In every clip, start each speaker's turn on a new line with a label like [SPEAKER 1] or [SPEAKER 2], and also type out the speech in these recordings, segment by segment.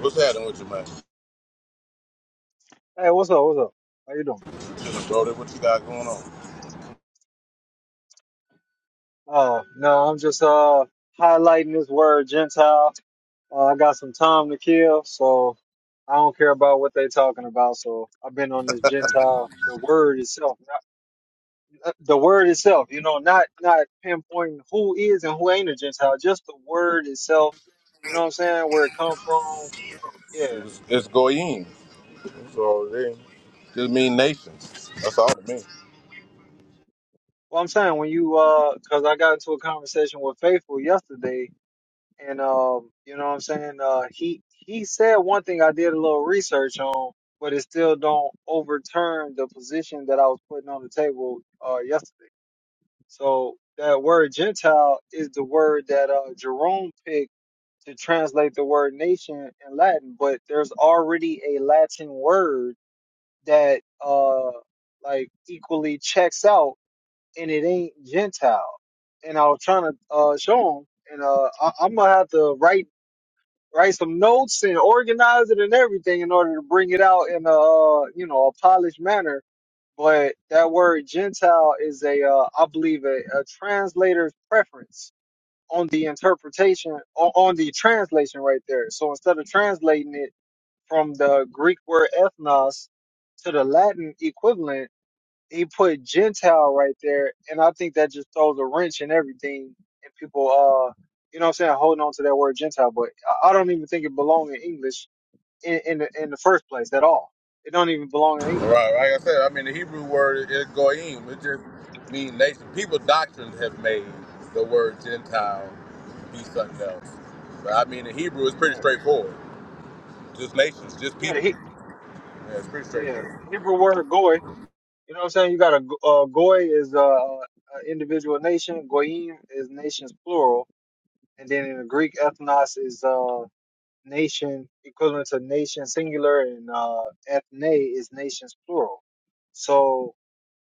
[SPEAKER 1] What's happening with you, man?
[SPEAKER 2] Hey, what's up? What's up? How you doing?
[SPEAKER 1] Just bro, what you got going on?
[SPEAKER 2] Oh, no, I'm just uh highlighting this word Gentile. Uh, I got some time to kill, so I don't care about what they talking about. So I've been on this Gentile, the word itself, not, uh, the word itself. You know, not not pinpointing who is and who ain't a Gentile, just the word itself. You know what I'm saying? Where it come from? Yeah.
[SPEAKER 1] It was, it's Goyim. That's all it is. Just mean nations. That's all it means.
[SPEAKER 2] Well, I'm saying when you uh, cause I got into a conversation with Faithful yesterday, and um, you know what I'm saying. Uh, he he said one thing I did a little research on, but it still don't overturn the position that I was putting on the table uh yesterday. So that word Gentile is the word that uh Jerome picked to translate the word nation in Latin, but there's already a Latin word that uh like equally checks out, and it ain't Gentile and I was trying to uh, show him. And uh, I, I'm gonna have to write write some notes and organize it and everything in order to bring it out in a uh, you know a polished manner. But that word Gentile is a uh, I believe a, a translator's preference on the interpretation on, on the translation right there. So instead of translating it from the Greek word ethnos to the Latin equivalent he put Gentile right there, and I think that just throws a wrench in everything. And people, uh, you know, what I'm saying, holding on to that word Gentile, but I I don't even think it belongs in English in in the, in the first place at all. It don't even belong in English.
[SPEAKER 1] Right, like I said, I mean, the Hebrew word is Goyim. It just means nation. People doctrines have made the word Gentile be something else. But I mean, in Hebrew, it's pretty
[SPEAKER 2] Right.
[SPEAKER 1] straightforward. Just nations, just
[SPEAKER 2] Yeah. The,
[SPEAKER 1] people.
[SPEAKER 2] He-
[SPEAKER 1] Yeah, it's pretty
[SPEAKER 2] yeah.
[SPEAKER 1] straightforward.
[SPEAKER 2] The Hebrew word goy. You know what I'm saying? You got a go- uh, goy is uh, a individual nation. Goyim is nations plural, and then in the Greek, ethnos is uh nation equivalent to nation singular and uh ethne is nations plural. So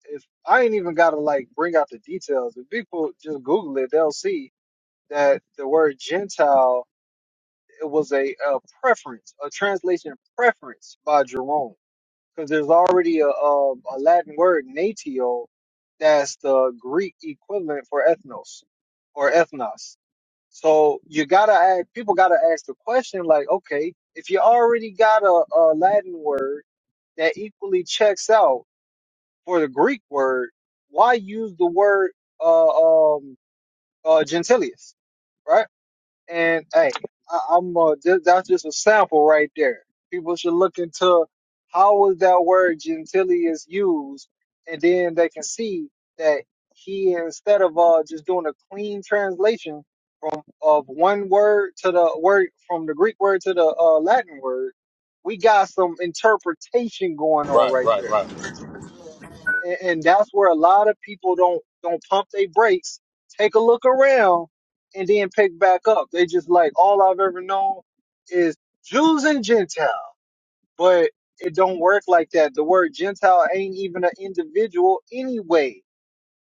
[SPEAKER 2] if I ain't even gotta like bring out the details, if people just Google it, they'll see that the word Gentile it was a, a preference, a translation preference by Jerome, because there's already a, a a Latin word natio that's the Greek equivalent for ethnos or ethnos. So you gotta ask people gotta ask the question like, okay, if you already got a, a Latin word that equally checks out for the Greek word, why use the word uh, um, uh, gentilius, right? And hey, I, I'm uh, ju- that's just a sample right there. People should look into how was that word gentilly is used, and then they can see that he instead of uh just doing a clean translation from of one word to the word from the Greek word to the uh, Latin word, we got some interpretation going on
[SPEAKER 1] Right,
[SPEAKER 2] right
[SPEAKER 1] right,
[SPEAKER 2] there
[SPEAKER 1] right.
[SPEAKER 2] and, and that's where a lot of people don't don't pump their brakes, take a look around, and then pick back up. They just like all I've ever known is Jews and Gentile, but it don't work like that. The word Gentile ain't even an individual anyway.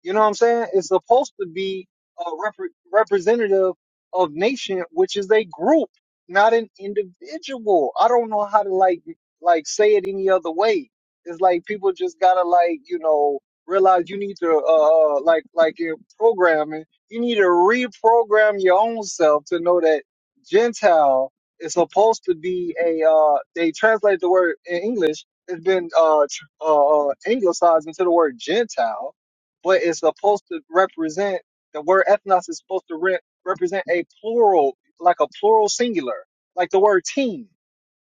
[SPEAKER 2] You know what I'm saying? It's supposed to be a repre representative of nation, which is a group, not an individual. I don't know how to like like say it any other way. It's like people just gotta like you know realize you need to uh uh, uh, like like in programming, you need to reprogram your own self to know that Gentile is supposed to be a uh they translate the word in English. It's been uh, tr- uh uh, anglicized into the word Gentile but it's supposed to represent the word ethnos is supposed to re- represent a plural, like a plural singular, like the word team.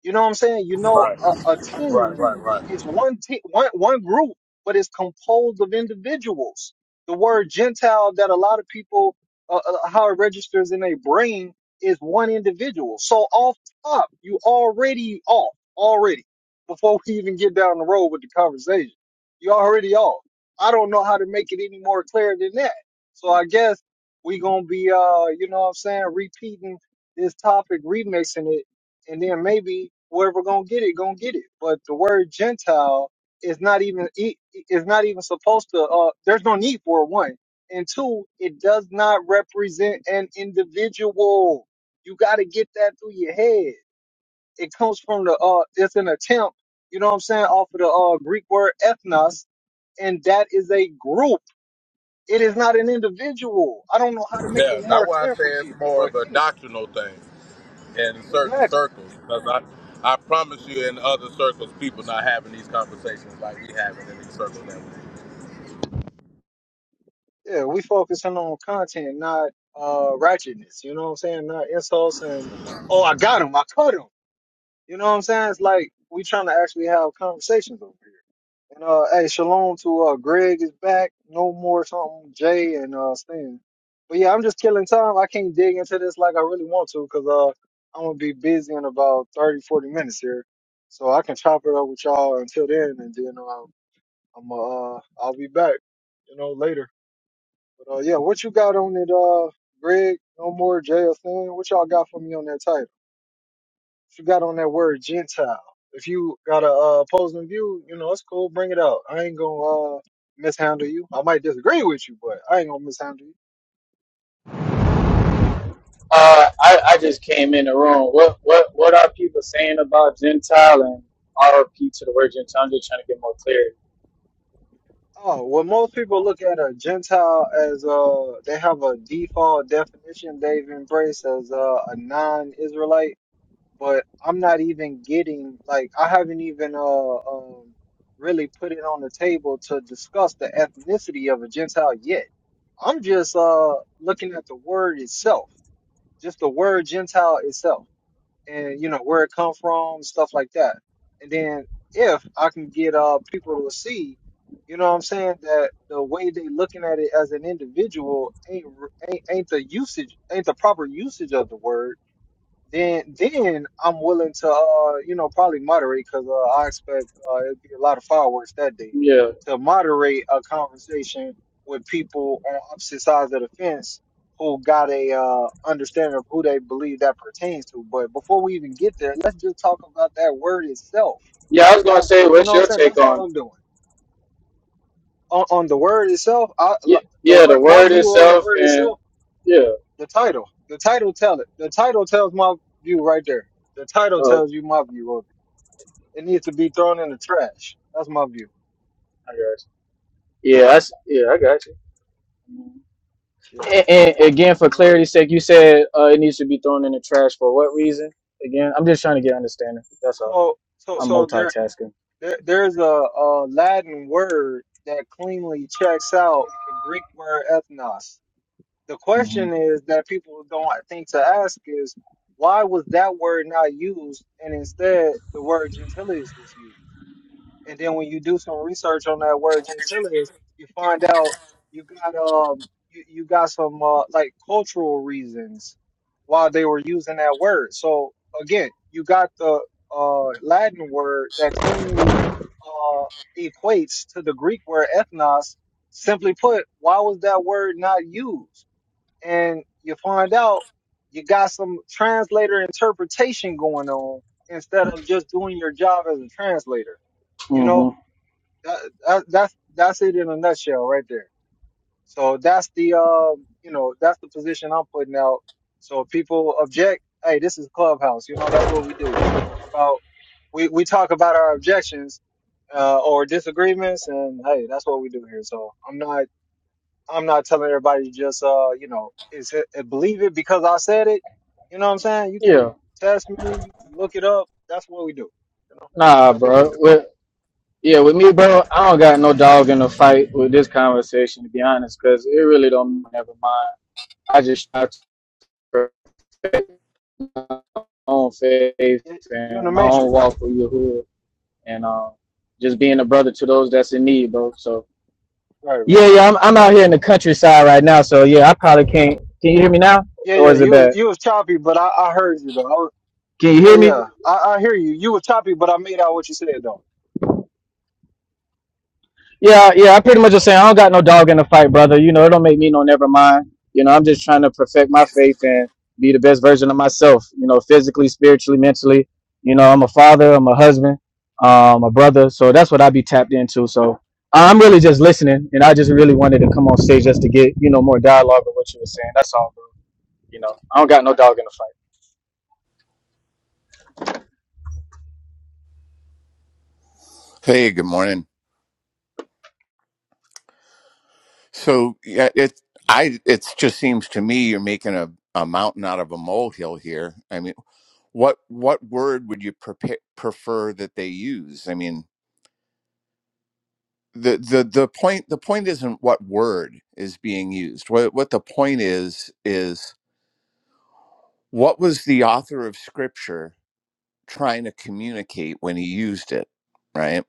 [SPEAKER 2] You know what I'm saying? You know,
[SPEAKER 1] Right,
[SPEAKER 2] a, a
[SPEAKER 1] right,
[SPEAKER 2] team
[SPEAKER 1] right, right.
[SPEAKER 2] is one team, one one group, but it's composed of individuals. The word Gentile that a lot of people, uh, uh, how it registers in their brain, is one individual. So off top, you already off already before we even get down the road with the conversation. You already off. I don't know how to make it any more clear than that. So I guess we gonna be, uh, you know what I'm saying, repeating this topic, remixing it and then maybe whoever gonna get it gonna get it. But the word Gentile is not even it is not even supposed to. Uh, there's no need for it, one and two. It does not represent an individual. You got to get that through your head. It comes from the uh. It's an attempt. You know what I'm saying? Off of the uh, Greek word ethnos, and that is a group. It is not an individual. I don't know how to make it
[SPEAKER 1] Yeah, that's
[SPEAKER 2] more
[SPEAKER 1] why I
[SPEAKER 2] clear
[SPEAKER 1] say
[SPEAKER 2] for
[SPEAKER 1] it's
[SPEAKER 2] people,
[SPEAKER 1] more
[SPEAKER 2] but
[SPEAKER 1] of a
[SPEAKER 2] anyway,
[SPEAKER 1] doctrinal thing. in certain
[SPEAKER 2] exactly.
[SPEAKER 1] circles because I, I promise you, in other circles, people not having these conversations like we having in these circles now.
[SPEAKER 2] Yeah, we focusing on content, not uh ratchetness. You know what I'm saying? Not insults and oh, I got him, I cut him. You know what I'm saying? It's like we trying to actually have conversations over here. And uh, hey, shalom to uh Greg is back. No more something Jay and uh Stan. But yeah, I'm just killing time. I can't dig into this like I really want to because uh I'm gonna be busy in about 30, 40 minutes here. So I can chop it up with y'all until then, and then uh, I'm uh I'll be back. You know later. But uh, yeah, what you got on it, uh, Greg? No more JSN. What y'all got for me on that title? What you got on that word Gentile? If you got a uh, opposing view, you know it's cool. Bring it out. I ain't gonna uh, mishandle you. I might disagree with you, but I ain't gonna mishandle you.
[SPEAKER 3] Uh, I, I just came in the room. What what what are people saying about Gentile and RP to the word Gentile? I'm just trying to get more clarity.
[SPEAKER 2] Oh, well, most people look at a Gentile as uh, they have a default definition they've embraced as uh, a non-Israelite but I'm not even getting like I haven't even uh um really put it on the table to discuss the ethnicity of a Gentile yet. I'm just uh looking at the word itself, just the word Gentile itself, and you know where it come from, stuff like that. And then if I can get uh people to see, you know what I'm saying that the way they looking at it as an individual ain't r- ain't, ain't the usage ain't the proper usage of the word then then I'm willing to uh you know probably moderate because uh, I expect uh, it'll be a lot of fireworks that day
[SPEAKER 3] Yeah,
[SPEAKER 2] to moderate a conversation with people on opposite sides of the fence who got a uh understanding of who they believe that pertains to. But before we even get there, let's just talk about that word itself.
[SPEAKER 3] yeah. I was
[SPEAKER 2] That
[SPEAKER 3] gonna say,
[SPEAKER 2] you
[SPEAKER 3] what's
[SPEAKER 2] know what I'm
[SPEAKER 3] your
[SPEAKER 2] saying?
[SPEAKER 3] take
[SPEAKER 2] That's all
[SPEAKER 3] on it?
[SPEAKER 2] I'm doing on, on the word itself. I
[SPEAKER 3] Yeah,
[SPEAKER 2] the
[SPEAKER 3] yeah
[SPEAKER 2] word
[SPEAKER 3] the
[SPEAKER 2] my
[SPEAKER 3] word
[SPEAKER 2] view on the
[SPEAKER 3] itself,
[SPEAKER 2] word itself
[SPEAKER 3] and yeah.
[SPEAKER 2] the title. The title tell it. The title tells my view right there. The title
[SPEAKER 3] Oh,
[SPEAKER 2] tells you my view of it. It needs to be thrown in the trash. That's my view.
[SPEAKER 3] I got you. Yeah, I s- yeah, I got you.
[SPEAKER 2] Yeah.
[SPEAKER 3] And, and again, for
[SPEAKER 2] That word.
[SPEAKER 3] clarity's sake, you said uh, it needs to be thrown in the trash for what reason? Again, I'm just trying to get understanding. That's all.
[SPEAKER 2] So so
[SPEAKER 3] I'm
[SPEAKER 2] so there,
[SPEAKER 3] multitasking.
[SPEAKER 2] there there's a, a Latin word that cleanly checks out the Greek word ethnos. The question is that people don't think to ask is why was that word not used and instead the word gentilis was used? And then when you do some research on that word gentilis, you find out you got um you, you got some uh, like cultural reasons why they were using that word. So again, you got the uh, Latin word that cleanly uh, equates to the Greek word ethnos. Simply put, why was that word not used? and you find out you got some translator interpretation going on instead of just doing your job as a translator. You know,
[SPEAKER 3] Mm-hmm.
[SPEAKER 2] that, that, that's that's it in a nutshell right there. So that's the uh, you know that's the position I'm putting out. So if people object, hey, this is Clubhouse. You know, that's what we do. We talk about we we talk about our objections uh, or disagreements, and hey, that's what we do here. So I'm not I'm not telling everybody to just uh, you know, is it, uh, believe it because I said it. You know what I'm saying? You
[SPEAKER 3] Yeah.
[SPEAKER 2] can test me, you can look it up. That's what we do. You know,
[SPEAKER 3] Nah,
[SPEAKER 2] that's what we do.
[SPEAKER 3] bro. Yeah, with me, bro, I don't got no dog in the fight with this conversation, to be honest, because it really don't never mind. I just try to respect my own faith
[SPEAKER 2] You- You're in the
[SPEAKER 3] and my own
[SPEAKER 2] matrix,
[SPEAKER 3] walk with Yahuwah and um, just being a brother to those that's in need, bro. So,
[SPEAKER 2] right? Right?
[SPEAKER 3] yeah,
[SPEAKER 2] Right?
[SPEAKER 3] yeah, I'm, I'm out here in the countryside right now, so yeah, I probably can't. Can you hear me now?
[SPEAKER 2] Yeah,
[SPEAKER 3] Or
[SPEAKER 2] yeah.
[SPEAKER 3] is it
[SPEAKER 2] You was-
[SPEAKER 3] bad?
[SPEAKER 2] you was choppy, but I, I heard you though. I was,
[SPEAKER 3] Can you
[SPEAKER 2] yeah,
[SPEAKER 3] hear me?
[SPEAKER 2] yeah. I, I hear you. You were choppy, but I made out what you said though.
[SPEAKER 3] Yeah, yeah, I pretty much just saying I don't got no dog in the fight, brother. You know, it don't make me no never mind. You know, I'm just trying to perfect my faith and be the best version of myself, you know, physically, spiritually, mentally. You know, I'm a father, I'm a husband, um, a brother. So that's what I be tapped into. So I'm really just listening and I just really wanted to come on stage just to get, you know, more dialogue of what you were saying. That's all, bro. You know, I don't got no dog in the fight.
[SPEAKER 4] Hey, good morning. So yeah, it I it just seems to me you're making a, a mountain out of a molehill here. I mean, what what word would you prepa- prefer that they use? I mean, the the the point the point isn't what word is being used. What what the point is is what was the author of scripture trying to communicate when he used it, right?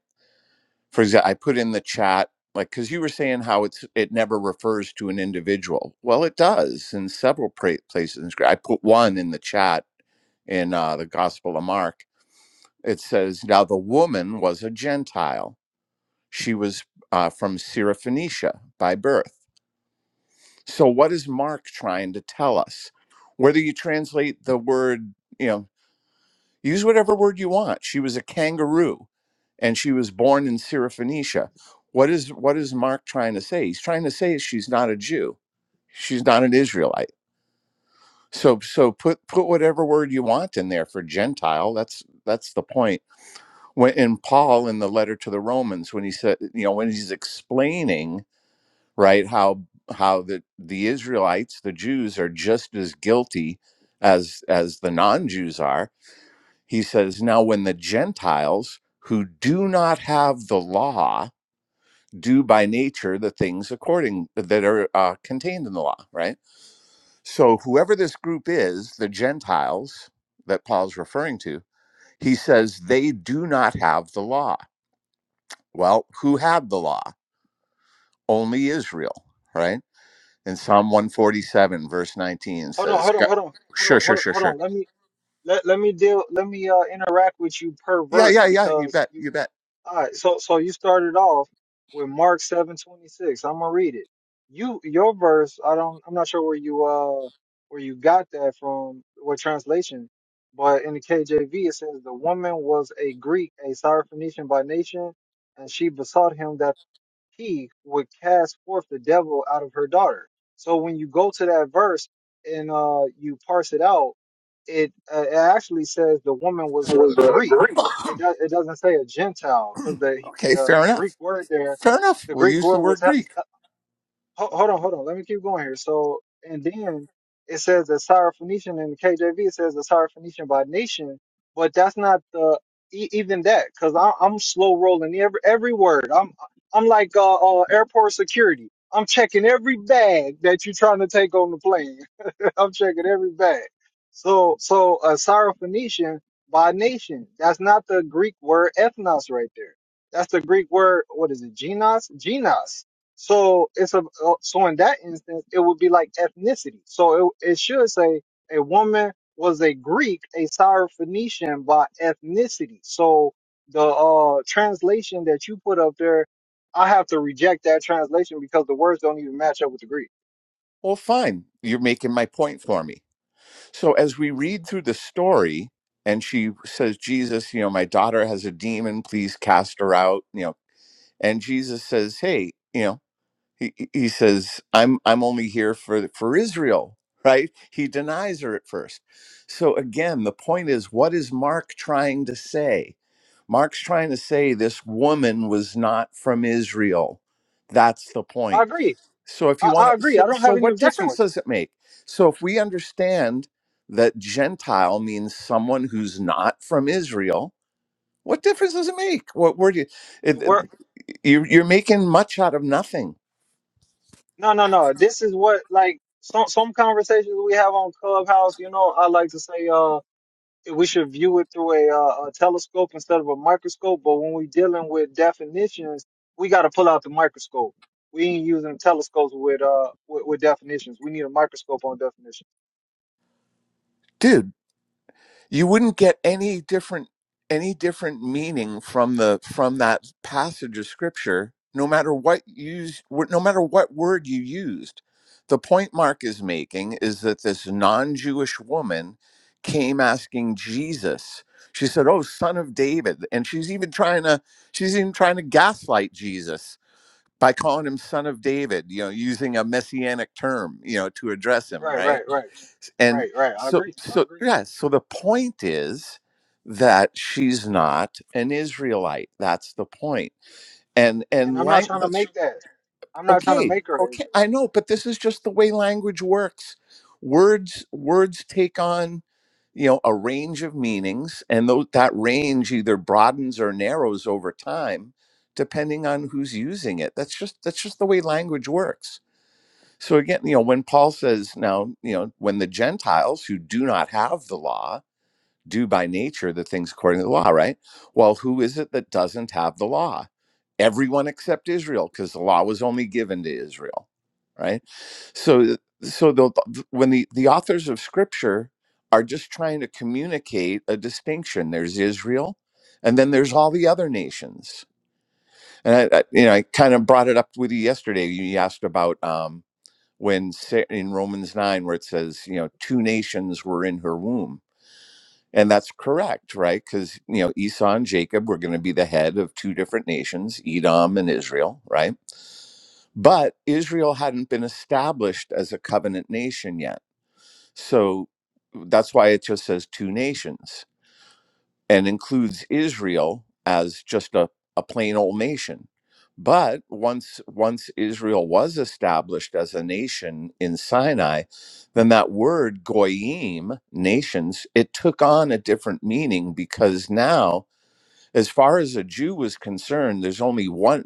[SPEAKER 4] for example, I put in the chat, like, because you were saying how it's it never refers to an individual. Well, it does in several pra- places. in Scrip- I put one in the chat in uh, the Gospel of Mark. It says, "Now the woman was a Gentile; she was uh, from Syrophoenicia by birth." So, what is Mark trying to tell us? Whether you translate the word, you know. Use whatever word you want. She was a kangaroo and she was born in Syrophoenicia. What is what is Mark trying to say? He's trying to say she's not a Jew. She's not an Israelite. So so put put whatever word you want in there for Gentile. That's that's the point. When in Paul in the letter to the Romans, when he said, you know, when he's explaining, right, how how the the Israelites, the Jews, are just as guilty as as the non-Jews are he says, Now, when the Gentiles who do not have the law do by nature the things according that are uh, contained in the law, right? So, whoever this group is, the Gentiles that Paul's referring to, he says they do not have the law. Well, who had the law? Only Israel, right? In Psalm 147, verse 19
[SPEAKER 2] Hold on,
[SPEAKER 4] says,
[SPEAKER 2] hold on,
[SPEAKER 4] Go-
[SPEAKER 2] hold on, hold on,
[SPEAKER 4] Sure,
[SPEAKER 2] hold
[SPEAKER 4] sure,
[SPEAKER 2] on.
[SPEAKER 4] sure,
[SPEAKER 2] Hold
[SPEAKER 4] sure.
[SPEAKER 2] on. Let me let, let me deal. Let me uh interact with you per
[SPEAKER 4] Yeah,
[SPEAKER 2] verse
[SPEAKER 4] yeah, yeah, you
[SPEAKER 2] because
[SPEAKER 4] bet,
[SPEAKER 2] you
[SPEAKER 4] you bet.
[SPEAKER 2] All right, so so you started off with Mark seven twenty six. I'm gonna read it. You your verse, I don't, I'm not sure where you uh where you got that from, what translation, but in the KJV it says the woman was a Greek, a Syrophoenician by nation, and she besought him that he would cast forth the devil out of her daughter. So when you go to that verse and uh, you parse it out, it, uh, it actually says the woman was a
[SPEAKER 4] was a
[SPEAKER 2] Greek.
[SPEAKER 4] Greek.
[SPEAKER 2] It does. It doesn't say a Gentile because the
[SPEAKER 4] okay,
[SPEAKER 2] the
[SPEAKER 4] fair enough.
[SPEAKER 2] Greek word there,
[SPEAKER 4] Fair enough.
[SPEAKER 2] the
[SPEAKER 4] We'll
[SPEAKER 2] Greek
[SPEAKER 4] use the
[SPEAKER 2] word was
[SPEAKER 4] word Greek.
[SPEAKER 2] Ho- hold on, hold on. Let me keep going here. So, and then it says the Syrophoenician in the KJV. It says the Syrophoenician by nation, but that's not the e- even that because I'm slow rolling every every word. I'm I'm like uh, uh airport security. I'm checking every bag that you're trying to take on the plane. I'm checking every bag. So, so a Syrophoenician by nation. That's not the Greek word ethnos right there. That's the Greek word. What is it? Genos. Genos. So it's a uh, so in that instance it would be like ethnicity. So it, it should say a woman was a Greek, a Syrophoenician by ethnicity. So the uh, translation that you put up there, I have to reject that translation because the words don't even match up with the Greek.
[SPEAKER 4] Well, fine. You're making my point for me. So as we read through the story, and she says, Jesus, you know, my daughter has a demon. Please cast her out. You know, and Jesus says, Hey, you know, he, he he says, I'm I'm only here for for Israel, right? He denies her at first. So again, the point is, what is Mark trying to say? Mark's trying to say this woman was not from Israel. That's the
[SPEAKER 2] I
[SPEAKER 4] point
[SPEAKER 2] agree
[SPEAKER 4] So if you
[SPEAKER 2] I, I
[SPEAKER 4] want to,
[SPEAKER 2] agree. I
[SPEAKER 4] so,
[SPEAKER 2] don't
[SPEAKER 4] so
[SPEAKER 2] have any
[SPEAKER 4] what
[SPEAKER 2] objection
[SPEAKER 4] difference
[SPEAKER 2] with that.
[SPEAKER 4] does it make? So if we understand that Gentile means someone who's not from Israel, what difference does it make? What word you, it, it-
[SPEAKER 2] We're,
[SPEAKER 4] you're, you're making much out of nothing,
[SPEAKER 2] no, no, no. This is what like some some conversations we have on Clubhouse. You know, I like to say uh we should view it through a, uh, a telescope instead of a microscope. But when we're dealing with definitions, we got to pull out the microscope. We ain't using telescopes with uh with, with definitions. We need a microscope on definitions.
[SPEAKER 4] dude. you wouldn't get any different any different meaning from the from that passage of scripture no matter what use no matter what word you used the point mark is making is that this non-jewish woman came asking jesus she said oh son of david and she's even trying to she's even trying to gaslight jesus by calling him son of david you know using a messianic term you know to address him
[SPEAKER 2] Right,
[SPEAKER 4] right
[SPEAKER 2] right, right,
[SPEAKER 4] and
[SPEAKER 2] right, right. I
[SPEAKER 4] so
[SPEAKER 2] agree. I
[SPEAKER 4] so
[SPEAKER 2] agree.
[SPEAKER 4] yeah so the point is that she's not an israelite that's the point point. and
[SPEAKER 2] And
[SPEAKER 4] and
[SPEAKER 2] I'm not
[SPEAKER 4] lang-
[SPEAKER 2] trying to
[SPEAKER 4] that's
[SPEAKER 2] make that. I'm not trying to
[SPEAKER 4] okay
[SPEAKER 2] make her an
[SPEAKER 4] okay i
[SPEAKER 2] Israelite
[SPEAKER 4] know but this is just the way language works words words take on you know a range of meanings and those, that range either broadens or narrows over time depending on who's using it that's just that's just the way language works so again, you know, when Paul says now, you know, when the Gentiles who do not have the law do by nature the things according to the law, right? Well, who is it that doesn't have the law? Everyone except Israel, because the law was only given to Israel, right? So, so the, when the the authors of Scripture are just trying to communicate a distinction, there's Israel, and then there's all the other nations. And I, I you know, I kind of brought it up with you yesterday. You asked about. Um, when in Romans 9 where it says, you know, two nations were in her womb. And that's correct, right? Cuz you know, Esau and Jacob were going to be the head of two different nations, Edom and Israel, right? But Israel hadn't been established as a covenant nation yet. So that's why it just says two nations and includes Israel as just a, a plain old nation. But once once Israel was established as a nation in Sinai, then that word goyim, nations, it took on a different meaning because now as far as a Jew was concerned, there's only one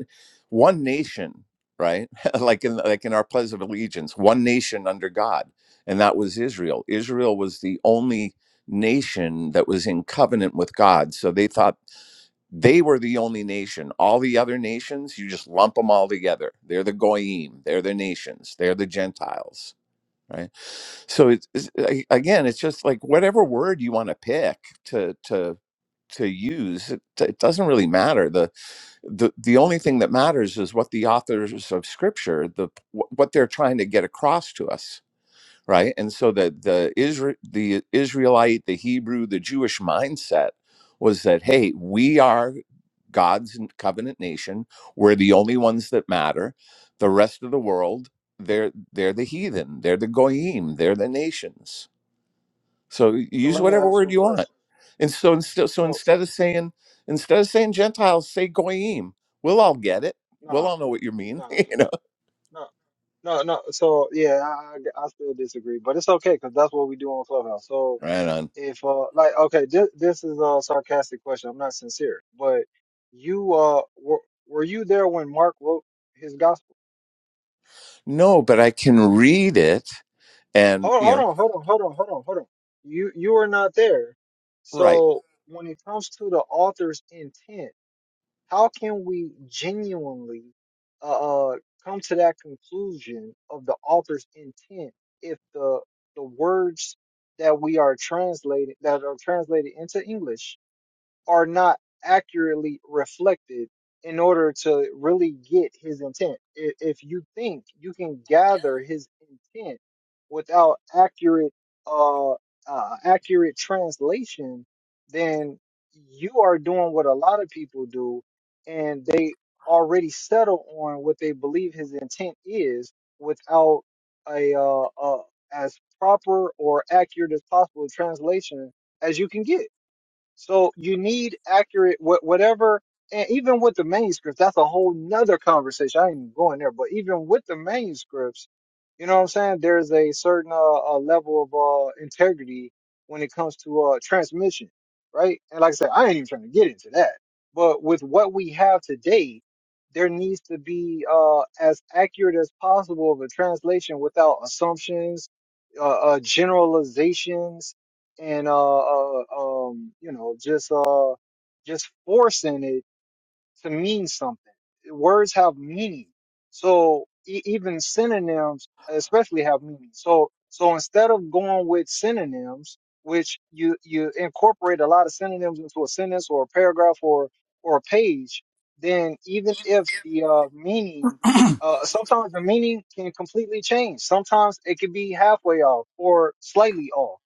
[SPEAKER 4] one nation, right? like in like in our Pledge of Allegiance, one nation under God, and that was Israel. Israel was the only nation that was in covenant with God, so they thought they were the only nation. All the other nations, you just lump them all together. They're the goyim. They're the nations. They're the Gentiles. Right. So it's, it's a- again, it's just like whatever word you want to pick to to to use it, it doesn't really matter the, the the only thing that matters is what the authors of scripture the wh- what they're trying to get across to us right and so the the Isra- the israelite the hebrew the jewish mindset was that hey we are god's n- covenant nation we're the only ones that matter the rest of the world they're they're the heathen they're the goyim they're the nations so
[SPEAKER 2] though. So
[SPEAKER 4] use
[SPEAKER 2] let me
[SPEAKER 4] whatever
[SPEAKER 2] ask you
[SPEAKER 4] word
[SPEAKER 2] a
[SPEAKER 4] you want.
[SPEAKER 2] question.
[SPEAKER 4] And so instead, so
[SPEAKER 2] So so
[SPEAKER 4] instead of saying instead of saying Gentiles, say goyim. We'll all get it. We'll
[SPEAKER 2] nah.
[SPEAKER 4] all know what you mean.
[SPEAKER 2] No,
[SPEAKER 4] you know,
[SPEAKER 2] No, no, no. So yeah, I, I I still disagree, but it's okay because that's what we do on Clubhouse. So
[SPEAKER 4] right on.
[SPEAKER 2] if uh, like, okay, this this is a sarcastic question. I'm not sincere, but you uh, were were you there when Mark wrote his gospel?
[SPEAKER 4] No, but I can read it, and
[SPEAKER 2] Hold
[SPEAKER 4] you
[SPEAKER 2] hold
[SPEAKER 4] know,
[SPEAKER 2] on, hold on, hold on, hold on, hold on. You you were not there.
[SPEAKER 4] right.
[SPEAKER 2] So when it comes to the author's intent. how can we genuinely uh, uh, come to that conclusion of the author's intent if the the words that we are translated that are translated into English are not accurately reflected in order to really get his intent. I- If you think you can gather his intent without accurate uh, uh accurate translation, then you are doing what a lot of people do and they already settle on what they believe his intent is without a uh, uh as proper or accurate as possible translation as you can get. So you need accurate wh- whatever, and even with the manuscripts, that's a whole nother conversation. I ain't even going there, but even with the manuscripts, you know what I'm saying? There's a certain uh, uh, level of uh, integrity when it comes to uh, transmission, right? And like I said, I ain't even trying to get into that. But with what we have today, there needs to be uh, as accurate as possible of a translation without assumptions, uh, uh, generalizations, and uh, uh um you know just uh just forcing it to mean something. Words have meaning. So e- even synonyms, especially have meaning. So so instead of going with synonyms, which you you incorporate a lot of synonyms into a sentence or a paragraph or or a page, then even if the uh, meaning uh, sometimes the meaning can completely change. Sometimes it could be halfway off or slightly off.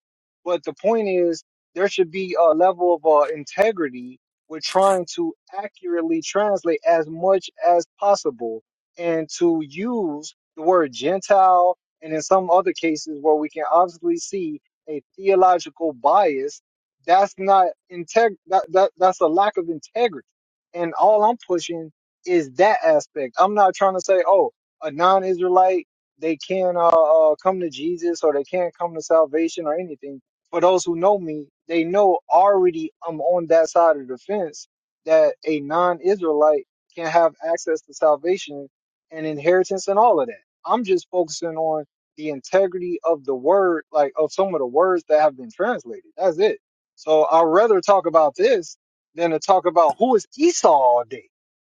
[SPEAKER 2] But the point is, there should be a level of uh, integrity we're trying to accurately translate as much as possible and to use the word Gentile and in some other cases where we can obviously see a theological bias, that's not integ- that, that that's a lack of integrity. And all I'm pushing is that aspect. I'm not trying to say, oh, a non Israelite, they can't uh, uh, come to Jesus or they can't come to salvation or anything for those who know me, they know already I'm on that side of the fence that a non Israelite can have access to salvation and inheritance and all of that. I'm just focusing on the integrity of the word, like of some of the words that have been translated. That's it. So I'd rather talk about this than to talk about who is Esau all day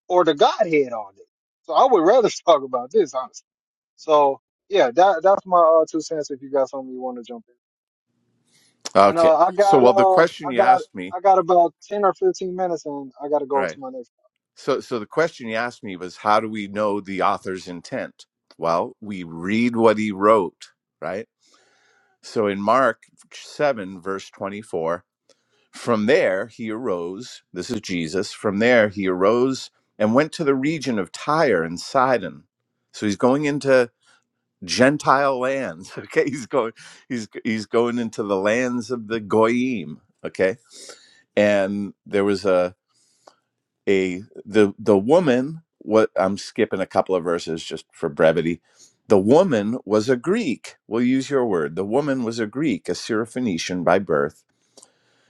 [SPEAKER 2] or the Godhead all day. So I would rather talk about this, honestly. So yeah, that that's my uh, two cents. If you got something you want to jump in. And
[SPEAKER 4] Okay.
[SPEAKER 2] uh, I
[SPEAKER 4] So,
[SPEAKER 2] got
[SPEAKER 4] well, the
[SPEAKER 2] uh, I
[SPEAKER 4] question you
[SPEAKER 2] got
[SPEAKER 4] asked me,
[SPEAKER 2] I got about ten or fifteen minutes, and I gotta go
[SPEAKER 4] right?
[SPEAKER 2] to my next.
[SPEAKER 4] So, so the question you asked me was, how do we know the author's intent? Well, we read what he wrote, right? So in Mark seven, verse twenty-four. From there, he arose. This is Jesus. From there, he arose and went to the region of Tyre and Sidon. So he's going into Gentile lands. Okay, he's going. He's he's going into the lands of the goyim. Okay, and there was a a the the woman. What I'm skipping a couple of verses just for brevity. The woman was a Greek. We'll use your word. The woman was a Greek, a Syrophoenician by birth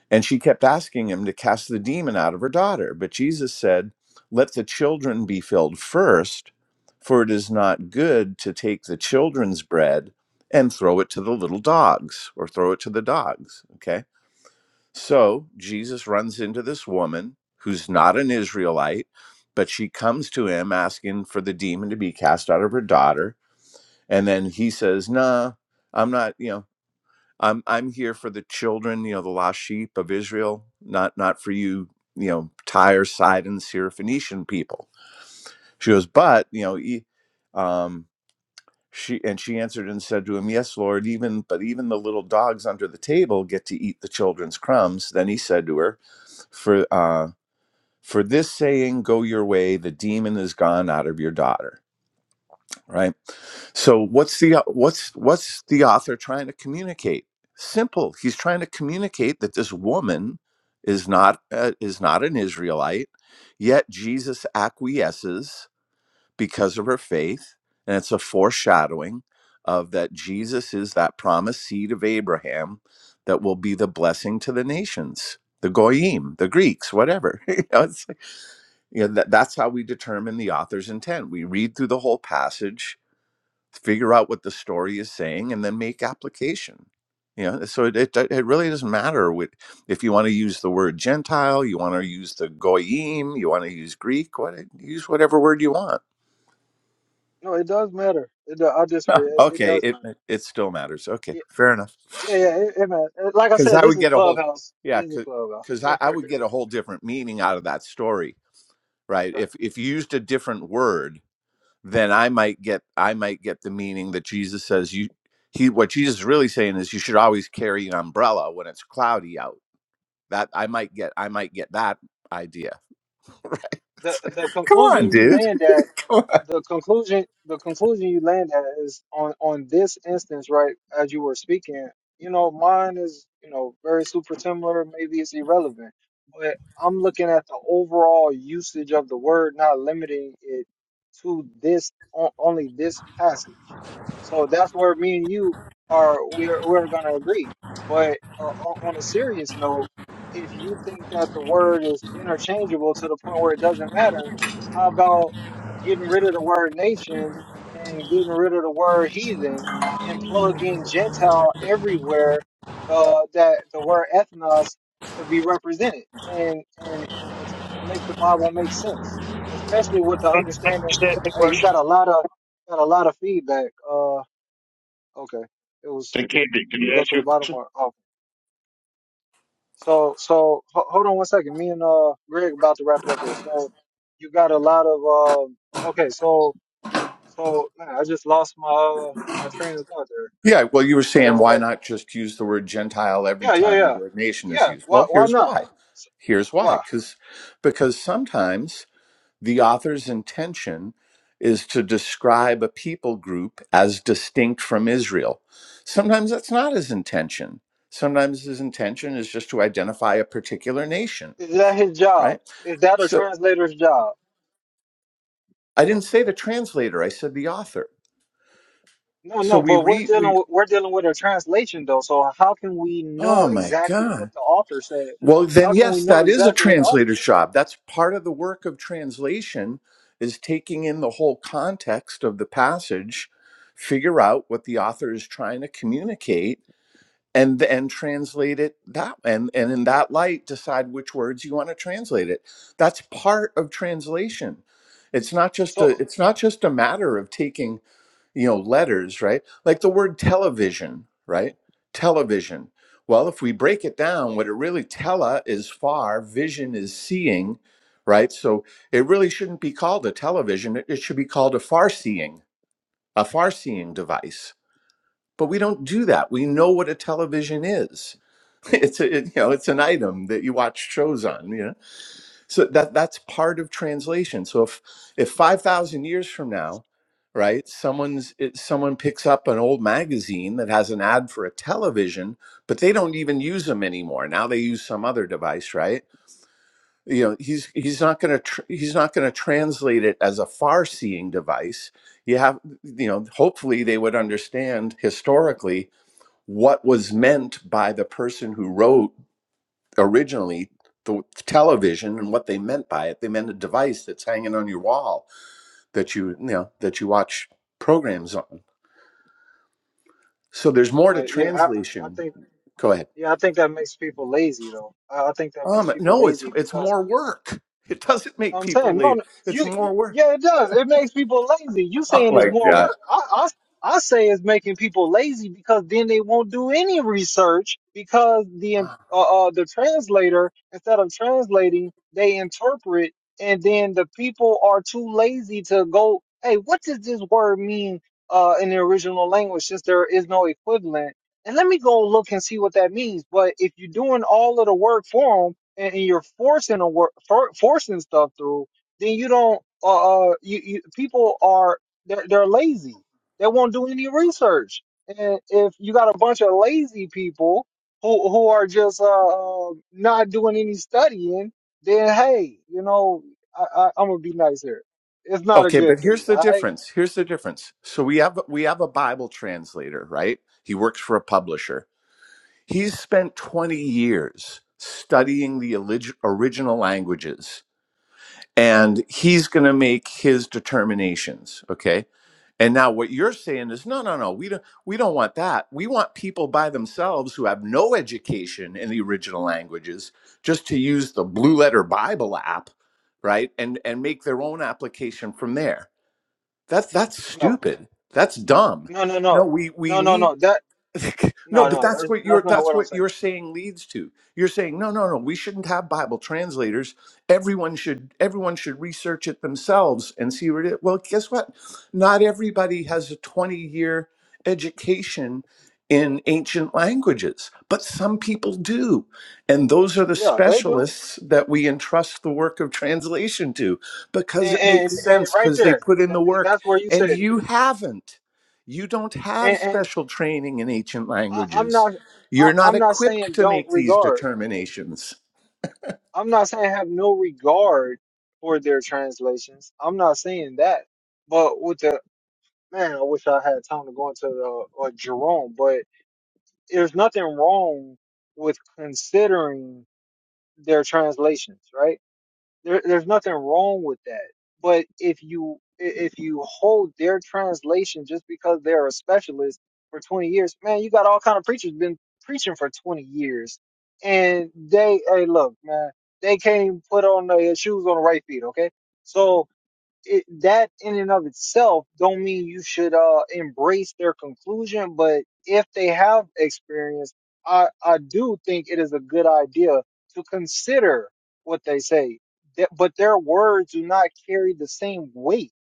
[SPEAKER 4] and she kept asking him to cast the demon out of her daughter. But Jesus said, Let the children be filled first, for it is not good to take the children's bread and throw it to the little dogs or throw it to the dogs. Okay. So Jesus runs into this woman who's not an Israelite, but she comes to him asking for the demon to be cast out of her daughter. And then he says, Nah, I'm not, you know. I'm I'm here for the children, you know, the lost sheep of Israel, not not for you, you know, Tyre, Sidon, Syrophoenician people. She goes, but you know, e- um, she and she answered and said to him, Yes, Lord, even but even the little dogs under the table get to eat the children's crumbs. Then he said to her, For uh, for this saying, go your way, the demon is gone out of your daughter. Right so what's the what's what's the author trying to communicate? Simple. He's trying to communicate that this woman is not uh, is not an Israelite, yet Jesus acquiesces because of her faith, and it's a foreshadowing of that Jesus is that promised seed of Abraham that will be the blessing to the nations, the goyim, the Greeks, whatever. you know, it's like, you know, that, that's how we determine the author's intent. We read through the whole passage figure out what the story is saying and then make application you know so it, it, it really doesn't matter what, if you want to use the word gentile you want to use the goyim you want to use greek what eh, use whatever word you want
[SPEAKER 2] No, it does matter. It do, I disagree. It, it
[SPEAKER 4] okay
[SPEAKER 2] does
[SPEAKER 4] it,
[SPEAKER 2] matter.
[SPEAKER 4] it it still matters okay
[SPEAKER 2] Yeah,
[SPEAKER 4] fair enough
[SPEAKER 2] yeah, yeah it, it matters. Like I
[SPEAKER 4] because
[SPEAKER 2] said,
[SPEAKER 4] i
[SPEAKER 2] this
[SPEAKER 4] would
[SPEAKER 2] is
[SPEAKER 4] get a whole
[SPEAKER 2] clubhouse.
[SPEAKER 4] yeah
[SPEAKER 2] This is clubhouse.
[SPEAKER 4] because I, I would get a whole different meaning out of that story right
[SPEAKER 2] Right.
[SPEAKER 4] if if you used a different word then I might get I might get the meaning that Jesus says you he what Jesus is really saying is you should always carry an umbrella when it's cloudy out. That I might get I might get that idea. right.
[SPEAKER 2] The
[SPEAKER 4] It's like,
[SPEAKER 2] the
[SPEAKER 4] Come on,
[SPEAKER 2] conclusion you
[SPEAKER 4] dude.
[SPEAKER 2] land at.
[SPEAKER 4] Come on.
[SPEAKER 2] the conclusion the conclusion you land at is on on this instance right as you were speaking you know mine is you know very super similar maybe it's irrelevant but i'm looking at the overall usage of the word not limiting it to this on, only this passage And so that's where me and you are we're we're going to agree but uh, on, on a serious note if you think that the word is interchangeable to the point where it doesn't matter how about getting rid of the word nation and getting rid of the word heathen and plug in Gentile everywhere uh, that the word ethnos could be represented and and and, it's, and make the Bible make sense, especially with the
[SPEAKER 5] I
[SPEAKER 2] understanding.
[SPEAKER 5] understand the
[SPEAKER 2] Hey, you
[SPEAKER 5] question.
[SPEAKER 2] got a lot of got a lot of feedback. Uh, okay, it was
[SPEAKER 5] Hey, Candy, can
[SPEAKER 2] did you
[SPEAKER 5] you
[SPEAKER 2] go
[SPEAKER 5] ask
[SPEAKER 2] to the
[SPEAKER 5] your
[SPEAKER 2] bottom
[SPEAKER 5] question?
[SPEAKER 2] or oh? So so ho- hold on one second. Me and uh Greg about to wrap it up here. So you got a lot of um. Okay, so So man, I just lost my uh, my train of thought there.
[SPEAKER 4] Yeah, well you were
[SPEAKER 2] But
[SPEAKER 4] saying why
[SPEAKER 2] um,
[SPEAKER 4] not just use the word Gentile every
[SPEAKER 2] yeah, yeah,
[SPEAKER 4] time the
[SPEAKER 2] yeah,
[SPEAKER 4] word nation is
[SPEAKER 2] yeah.
[SPEAKER 4] used.
[SPEAKER 2] Why
[SPEAKER 4] Well
[SPEAKER 2] why
[SPEAKER 4] here's
[SPEAKER 2] not?
[SPEAKER 4] why.
[SPEAKER 2] S-
[SPEAKER 4] Here's why.
[SPEAKER 2] Why
[SPEAKER 4] Cause because sometimes The author's intention is to describe a people group as distinct from Israel. Sometimes that's not his intention. Sometimes his intention is just to identify a particular nation,
[SPEAKER 2] is that his job?
[SPEAKER 4] right?
[SPEAKER 2] Is that a
[SPEAKER 4] So
[SPEAKER 2] translator's job?
[SPEAKER 4] I didn't say the translator, I said the author.
[SPEAKER 2] No,
[SPEAKER 4] So
[SPEAKER 2] no.
[SPEAKER 4] we
[SPEAKER 2] But we're
[SPEAKER 4] read,
[SPEAKER 2] dealing
[SPEAKER 4] we,
[SPEAKER 2] with we're dealing with a translation though. So how can we know
[SPEAKER 4] oh my
[SPEAKER 2] exactly what
[SPEAKER 4] God.
[SPEAKER 2] the author said?
[SPEAKER 4] Well,
[SPEAKER 2] How
[SPEAKER 4] then,
[SPEAKER 2] can we
[SPEAKER 4] yes,
[SPEAKER 2] know
[SPEAKER 4] that is a
[SPEAKER 2] exactly what the author
[SPEAKER 4] translator's
[SPEAKER 2] said?
[SPEAKER 4] job. That's part of the work of translation is taking in the whole context of the passage, figure out what the author is trying to communicate and then translate it that and and in that light decide which words you want to translate it that's part of translation it's not just a
[SPEAKER 2] So,
[SPEAKER 4] it's not just a matter of taking you know letters right like the word television right television well if we break it down what it really tele is far vision is seeing right so it really shouldn't be called a television it, it should be called a far seeing a far seeing device but we don't do that we know what a television is it's a it, you know it's an item that you watch shows on you know so that that's part of translation so if if 5000 years from now right someone's it, someone picks up an old magazine that has an ad for a television but they don't even use them anymore now they use some other device right you know he's he's not going to tr- he's not going to translate it as a far seeing device you have you know hopefully they would understand historically what was meant by the person who wrote originally the television and what they meant by it. They meant a device that's hanging on your wall that you, you know that you watch programs on. So there's more to
[SPEAKER 2] but yeah, I, I
[SPEAKER 4] translation.
[SPEAKER 2] think
[SPEAKER 4] Go ahead.
[SPEAKER 2] yeah, I think that makes people lazy though. I, I think that makes
[SPEAKER 4] Um,
[SPEAKER 2] people
[SPEAKER 4] no, it's
[SPEAKER 2] lazy
[SPEAKER 4] it's
[SPEAKER 2] because
[SPEAKER 4] more work. It doesn't make
[SPEAKER 2] I'm
[SPEAKER 4] people
[SPEAKER 2] saying no,
[SPEAKER 4] leave.
[SPEAKER 2] no,
[SPEAKER 4] It's
[SPEAKER 2] you.
[SPEAKER 4] more work.
[SPEAKER 2] Yeah, it does. It makes people lazy. You
[SPEAKER 4] Oh
[SPEAKER 2] saying it's
[SPEAKER 4] my
[SPEAKER 2] more
[SPEAKER 4] god.
[SPEAKER 2] work. I, I I say it's making people lazy because then they won't do any research because the in- uh, uh the translator instead of translating they interpret and then the people are too lazy to go. Hey, what does this word mean uh in the original language since there is no equivalent? And let me go look and see what that means. But if you're doing all of the work for 'em and, and you're forcing a work for, forcing stuff through, then you don't. Uh, uh, you, you people are they're, they're lazy. They won't do any research. And if you got a bunch of lazy people who who are just uh uh, not doing any studying, then hey, you know, I, I I'm gonna be nice here. It's not a
[SPEAKER 4] Okay,
[SPEAKER 2] good
[SPEAKER 4] but
[SPEAKER 2] thing.
[SPEAKER 4] here's the
[SPEAKER 2] All right?
[SPEAKER 4] difference. Here's the difference. So we have we have a Bible translator, right? He works for a publisher He's spent 20 years studying the olig- original languages and he's going to make his determinations, okay? And now what you're saying is no no no, we don't we don't want that. We want people by themselves who have no education in the original languages just to use the Blue Letter Bible app, right? And and make their own application from there. That's that's
[SPEAKER 2] No,
[SPEAKER 4] stupid. That's dumb.
[SPEAKER 2] no, no,
[SPEAKER 4] No,
[SPEAKER 2] no,
[SPEAKER 4] we we
[SPEAKER 2] no, no,
[SPEAKER 4] need
[SPEAKER 2] no. That
[SPEAKER 4] no,
[SPEAKER 2] no,
[SPEAKER 4] but
[SPEAKER 2] no.
[SPEAKER 4] that's
[SPEAKER 2] That,
[SPEAKER 4] what you're
[SPEAKER 2] that's not
[SPEAKER 4] that's
[SPEAKER 2] what I'm
[SPEAKER 4] what
[SPEAKER 2] saying.
[SPEAKER 4] you're saying leads to. You're saying, no, no, no, we shouldn't have Bible translators. Everyone should everyone should research it themselves and see what it is. well, guess what? Not everybody has a 20-year education in ancient languages, but some people do. And those are the
[SPEAKER 2] Yeah, they do.
[SPEAKER 4] specialists that we entrust the work of translation to because
[SPEAKER 2] And
[SPEAKER 4] it makes
[SPEAKER 2] and, and
[SPEAKER 4] sense
[SPEAKER 2] right
[SPEAKER 4] because they
[SPEAKER 2] there,
[SPEAKER 4] put in
[SPEAKER 2] that,
[SPEAKER 4] the
[SPEAKER 2] and
[SPEAKER 4] work
[SPEAKER 2] that's where you said
[SPEAKER 4] and
[SPEAKER 2] it
[SPEAKER 4] you haven't. You don't have
[SPEAKER 2] and, and
[SPEAKER 4] special training in ancient
[SPEAKER 2] I, I'm
[SPEAKER 4] languages.
[SPEAKER 2] not I,
[SPEAKER 4] You're not
[SPEAKER 2] I'm not
[SPEAKER 4] equipped
[SPEAKER 2] saying
[SPEAKER 4] to
[SPEAKER 2] don't
[SPEAKER 4] make these
[SPEAKER 2] regard.
[SPEAKER 4] determinations.
[SPEAKER 2] I'm not saying have no regard for their translations. I'm not saying that. But with the man, I wish I had time to go into the uh, Jerome. But there's nothing wrong with considering their translations, right? There, there's nothing wrong with that. But if you if you hold their translation just because they're a specialist for 20 years, man, you got all kind of preachers been preaching for 20 years, and they hey look, man, they can't even put on their shoes on the right feet. Okay, so it, that in and of itself don't mean you should uh embrace their conclusion but if they have experience i i do think it is a good idea to consider what they say That- but their words do not carry the same weight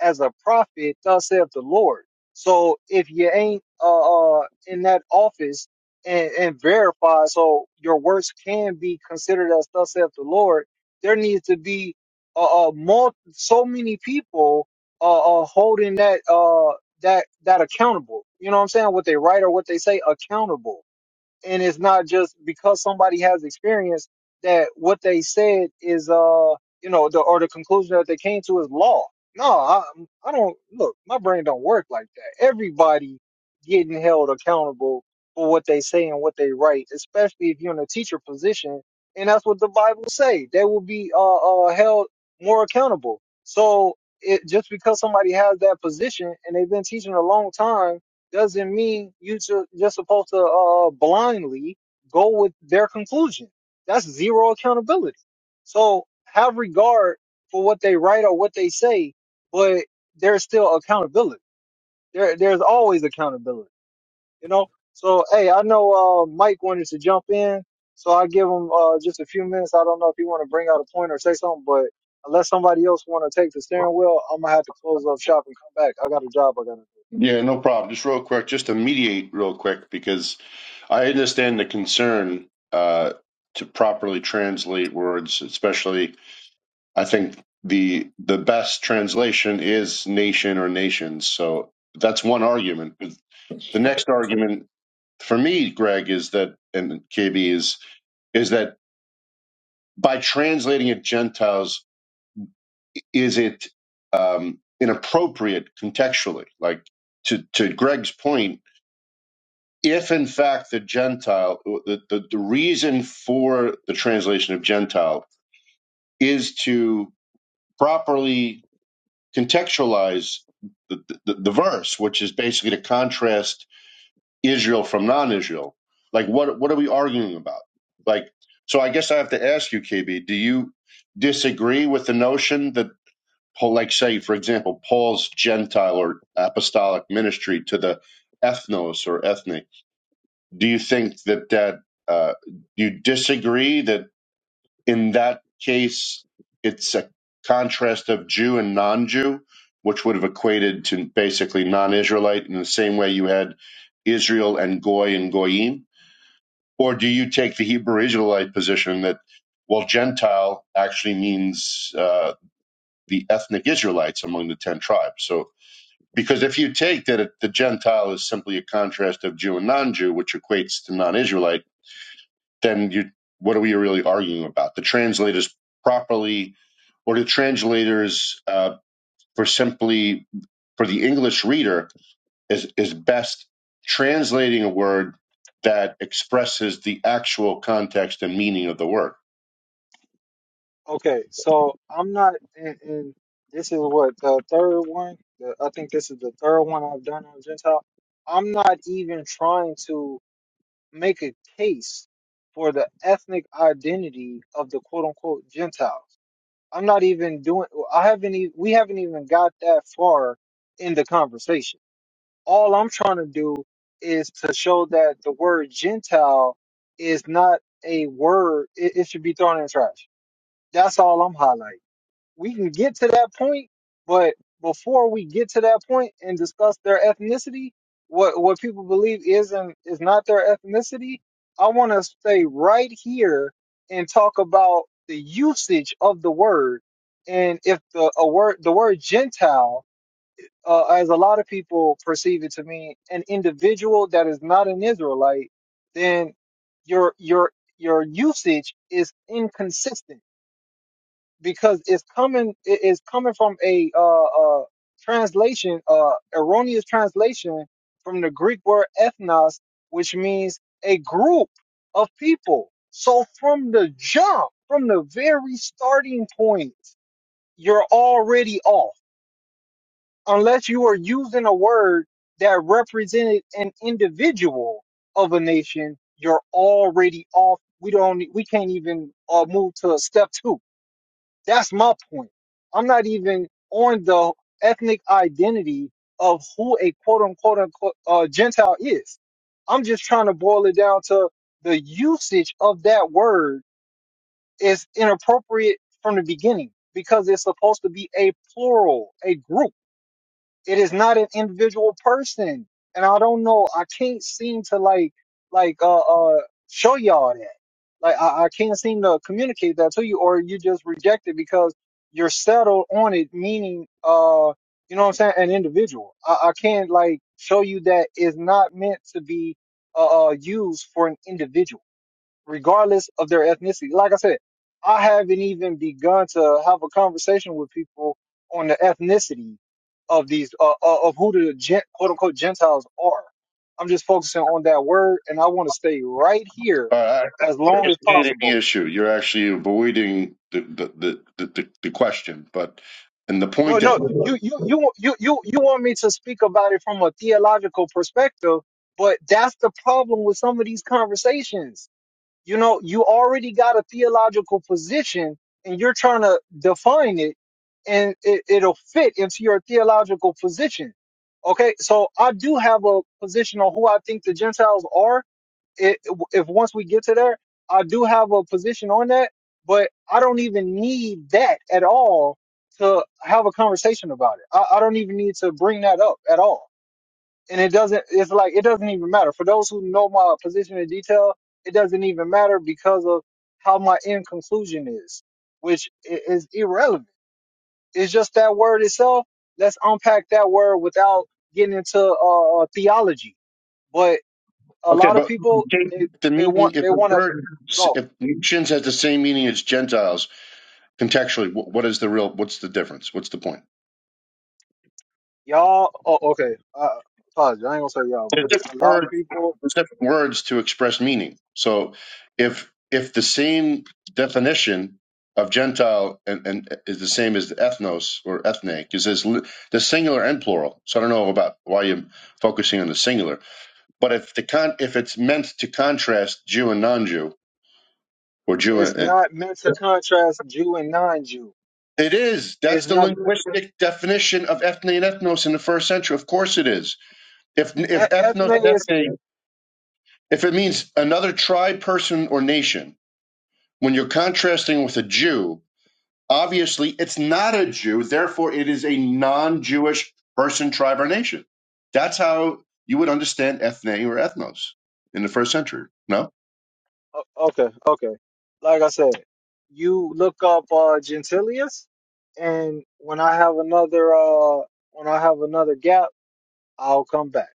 [SPEAKER 2] as a prophet thus saith the lord so if you ain't uh, uh in that office and, and verify so your words can be considered as thus saith the lord there needs to be uh, uh more so many people uh, uh holding that uh that that accountable. You know what I'm saying? What they write or what they say accountable and it's not just because somebody has experience that what they said is uh you know the or the conclusion that they came to is law no i i don't look my brain don't work like that everybody getting held accountable for what they say and what they write especially if you're in a teacher position and that's what the bible say they will be uh, uh held more accountable so it just because somebody has that position and they've been teaching a long time doesn't mean you ju- just supposed to uh, blindly go with their conclusion. That's zero accountability. So have regard for what they write or what they say, but there's still accountability. There, there's always accountability, you know? So, hey, I know uh, Mike wanted to jump in, so i give him uh, just a few minutes. I don't know if you want to bring out a point or say something, but unless somebody else want to take the steering wheel, I'm going to have to close up shop and come back. I got a job I got to do.
[SPEAKER 5] Yeah, no problem. Just real quick, just to mediate real quick, because I understand the concern uh, to properly translate words, especially I think the the best translation is nation or nations. So that's one argument. The next argument for me, Greg, is that and KB is is that by translating it Gentiles is it um, inappropriate contextually? Like to to Greg's point, if in fact the Gentile, the, the the reason for the translation of Gentile is to properly contextualize the, the, the verse, which is basically to contrast Israel from non-Israel. Like what what are we arguing about? Like so, I guess I have to ask you, KB, do you disagree with the notion that Paul, like say, for example, Paul's Gentile or apostolic ministry to the ethnos or ethnic. Do you think that that uh, do you disagree that in that case it's a contrast of Jew and non-Jew, which would have equated to basically non-Israelite in the same way you had Israel and Goy and Goyim? Or do you take the Hebrew Israelite position that well, Gentile actually means uh, the ethnic Israelites among the ten tribes. So because if you take that it, the Gentile is simply a contrast of Jew and non-Jew, which equates to non-Israelite, then you what are we really arguing about? The translators properly, or the translators uh, for simply for the English reader is is best translating a word that expresses the actual context and meaning of the word.
[SPEAKER 2] Okay, so I'm not, and, and this is what the third one. The, I think this is the third one I've done on Gentile. I'm not even trying to make a case for the ethnic identity of the quote unquote Gentiles. I'm not even doing. I haven't. e- We haven't even got that far in the conversation. All I'm trying to do is to show that the word Gentile is not a word. It, it should be thrown in the trash. That's all I'm highlighting we can get to that point, but before we get to that point and discuss their ethnicity, what what people believe is and is not their ethnicity, I want to stay right here and talk about the usage of the word and if the a word the word Gentile, uh, as a lot of people perceive it to mean, an individual that is not an Israelite, then your your your usage is inconsistent because it's coming it is coming from a uh, uh translation uh erroneous translation from the Greek word ethnos which means a group of people so from the jump from the very starting point you're already off unless you are using a word that represented an individual of a nation you're already off we don't we can't even uh, move to step 2 that's my point. I'm not even on the ethnic identity of who a quote unquote, unquote uh, Gentile is. I'm just trying to boil it down to the usage of that word is inappropriate from the beginning because it's supposed to be a plural, a group it is not an individual person and i don't know i can't seem to like like uh uh show y'all that like I, I can't seem to communicate that to you or you just reject it because you're settled on it meaning uh you know what i'm saying an individual i, I can't like show you that is not meant to be uh uh, used for an individual regardless of their ethnicity. Like I said, I haven't even begun to have a conversation with people on the ethnicity of these uh, uh, of who the gen, quote unquote Gentiles are. I'm just focusing on that word, and I want to stay right here
[SPEAKER 5] Uh, I think
[SPEAKER 2] as long
[SPEAKER 5] you're
[SPEAKER 2] as
[SPEAKER 5] stating the
[SPEAKER 2] possible.
[SPEAKER 5] issue. You're actually avoiding the, the, the, the the question, but and the
[SPEAKER 2] No,
[SPEAKER 5] point that
[SPEAKER 2] no, you you you you you you want me to speak about it from a theological perspective, but that's the problem with some of these conversations You know, you already got a theological position and you're trying to define it and it, it'll fit into your theological position. Okay, so I do have a position on who I think the Gentiles are. If, if once we get to there, I do have a position on that, but I don't even need that at all to have a conversation about it. I, I don't even need to bring that up at all and it doesn't it's like it doesn't even matter for those who know my position in detail it doesn't even matter because of how my end conclusion is which i- is irrelevant it's just that word itself let's unpack that word without getting into uh uh, theology but a
[SPEAKER 5] Okay,
[SPEAKER 2] lot of
[SPEAKER 5] but
[SPEAKER 2] people
[SPEAKER 5] take
[SPEAKER 2] they
[SPEAKER 5] the
[SPEAKER 2] they
[SPEAKER 5] meaning
[SPEAKER 2] want
[SPEAKER 5] if
[SPEAKER 2] they
[SPEAKER 5] the
[SPEAKER 2] want to
[SPEAKER 5] word
[SPEAKER 2] go
[SPEAKER 5] if nations has the same meaning as Gentiles contextually, wh- what is the real? What's the difference? What's the point?
[SPEAKER 2] y'all oh okay uh apologize. i ain't gonna say y'all
[SPEAKER 5] There's different
[SPEAKER 2] but a lot
[SPEAKER 5] words.
[SPEAKER 2] of people
[SPEAKER 5] There's different words to express meaning. So if if the same definition of Gentile and, and is the same as the ethnos or ethne, because there's li- the singular and plural. So I don't know about why you're focusing on the singular. But if the con if it's meant to contrast Jew and non-Jew or Jew
[SPEAKER 2] it's
[SPEAKER 5] and,
[SPEAKER 2] not meant to contrast jew and non-jew
[SPEAKER 5] It is. That's
[SPEAKER 2] it's
[SPEAKER 5] the
[SPEAKER 2] not
[SPEAKER 5] linguistic definition of ethne and ethnos in the first century. Of course it is. If if ethnos and
[SPEAKER 2] ethne
[SPEAKER 5] ethne, if it means another tribe, person, or nation, when you're contrasting with a Jew, obviously it's not a Jew. Therefore, it is a non-Jewish person, tribe, or nation. That's how you would understand ethne or ethnos in the first century. No
[SPEAKER 2] O- Okay, okay. Like I said, you look up uh Gentilius, and when I have another uh when I have another gap, I'll come back.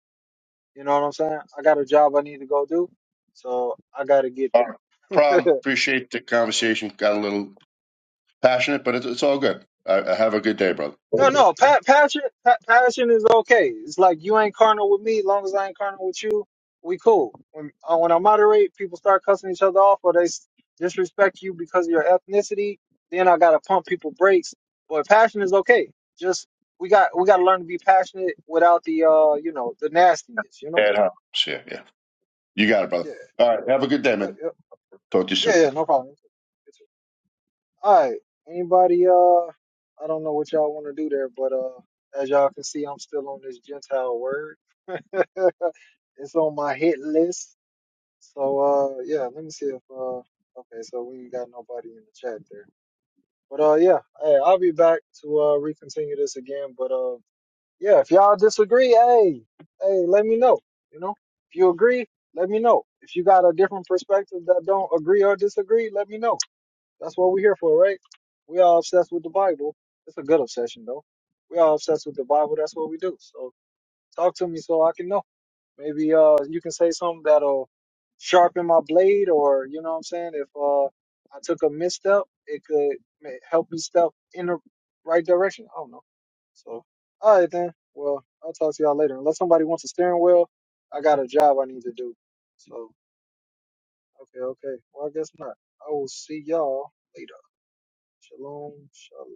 [SPEAKER 2] You know what I'm saying? I got a job I need to go do, so I gotta get
[SPEAKER 5] Uh,
[SPEAKER 2] there.
[SPEAKER 5] problem. Appreciate the
[SPEAKER 2] so
[SPEAKER 5] conversation. Got a little passionate, but it's, it's all good. I, I have a good day, brother.
[SPEAKER 2] No, no, pa- passion, pa- passion is okay. It's like you ain't carnal with me, long as I ain't carnal with you, we cool. When uh, when I moderate, people start cussing each other off, or they s- disrespect you because of your ethnicity. Then I gotta pump people brakes. But passion is okay. Just we got we gotta learn to be passionate without the uh you know the nastiness. You know.
[SPEAKER 5] And uh, see ya. Yeah. You got it, brother.
[SPEAKER 2] Yeah.
[SPEAKER 5] All right. Have a good day,
[SPEAKER 2] Yep.
[SPEAKER 5] man.
[SPEAKER 2] Yep.
[SPEAKER 5] Talk to you soon.
[SPEAKER 2] Yeah. Yeah. No problem. All right. Anybody? Uh, I don't know what y'all want to do there, but uh, as y'all can see, I'm still on this Gentile word. it's on my hit list. So uh yeah, let me see if uh okay, so we ain't got nobody in the chat there. But uh yeah, hey, I'll be back to uh recontinue this again. But uh yeah, if y'all disagree, hey, hey, let me know. You know? If you agree, let me know. If you got a different perspective that don't agree or disagree, let me know. That's what we're here for, right? We all obsessed with the Bible. It's a good obsession though. We all obsessed with the Bible, that's what we do. So talk to me so I can know. Maybe uh you can say something that'll sharpen my blade, or you know what I'm saying. If uh I took a misstep, it could ma- help me step in the right direction. I don't know. So all right then. Well, I'll talk to y'all later. Unless somebody wants a steering wheel, I got a job I need to do. So okay, okay. Well, I guess not. I will see y'all later. Shalom, shalom.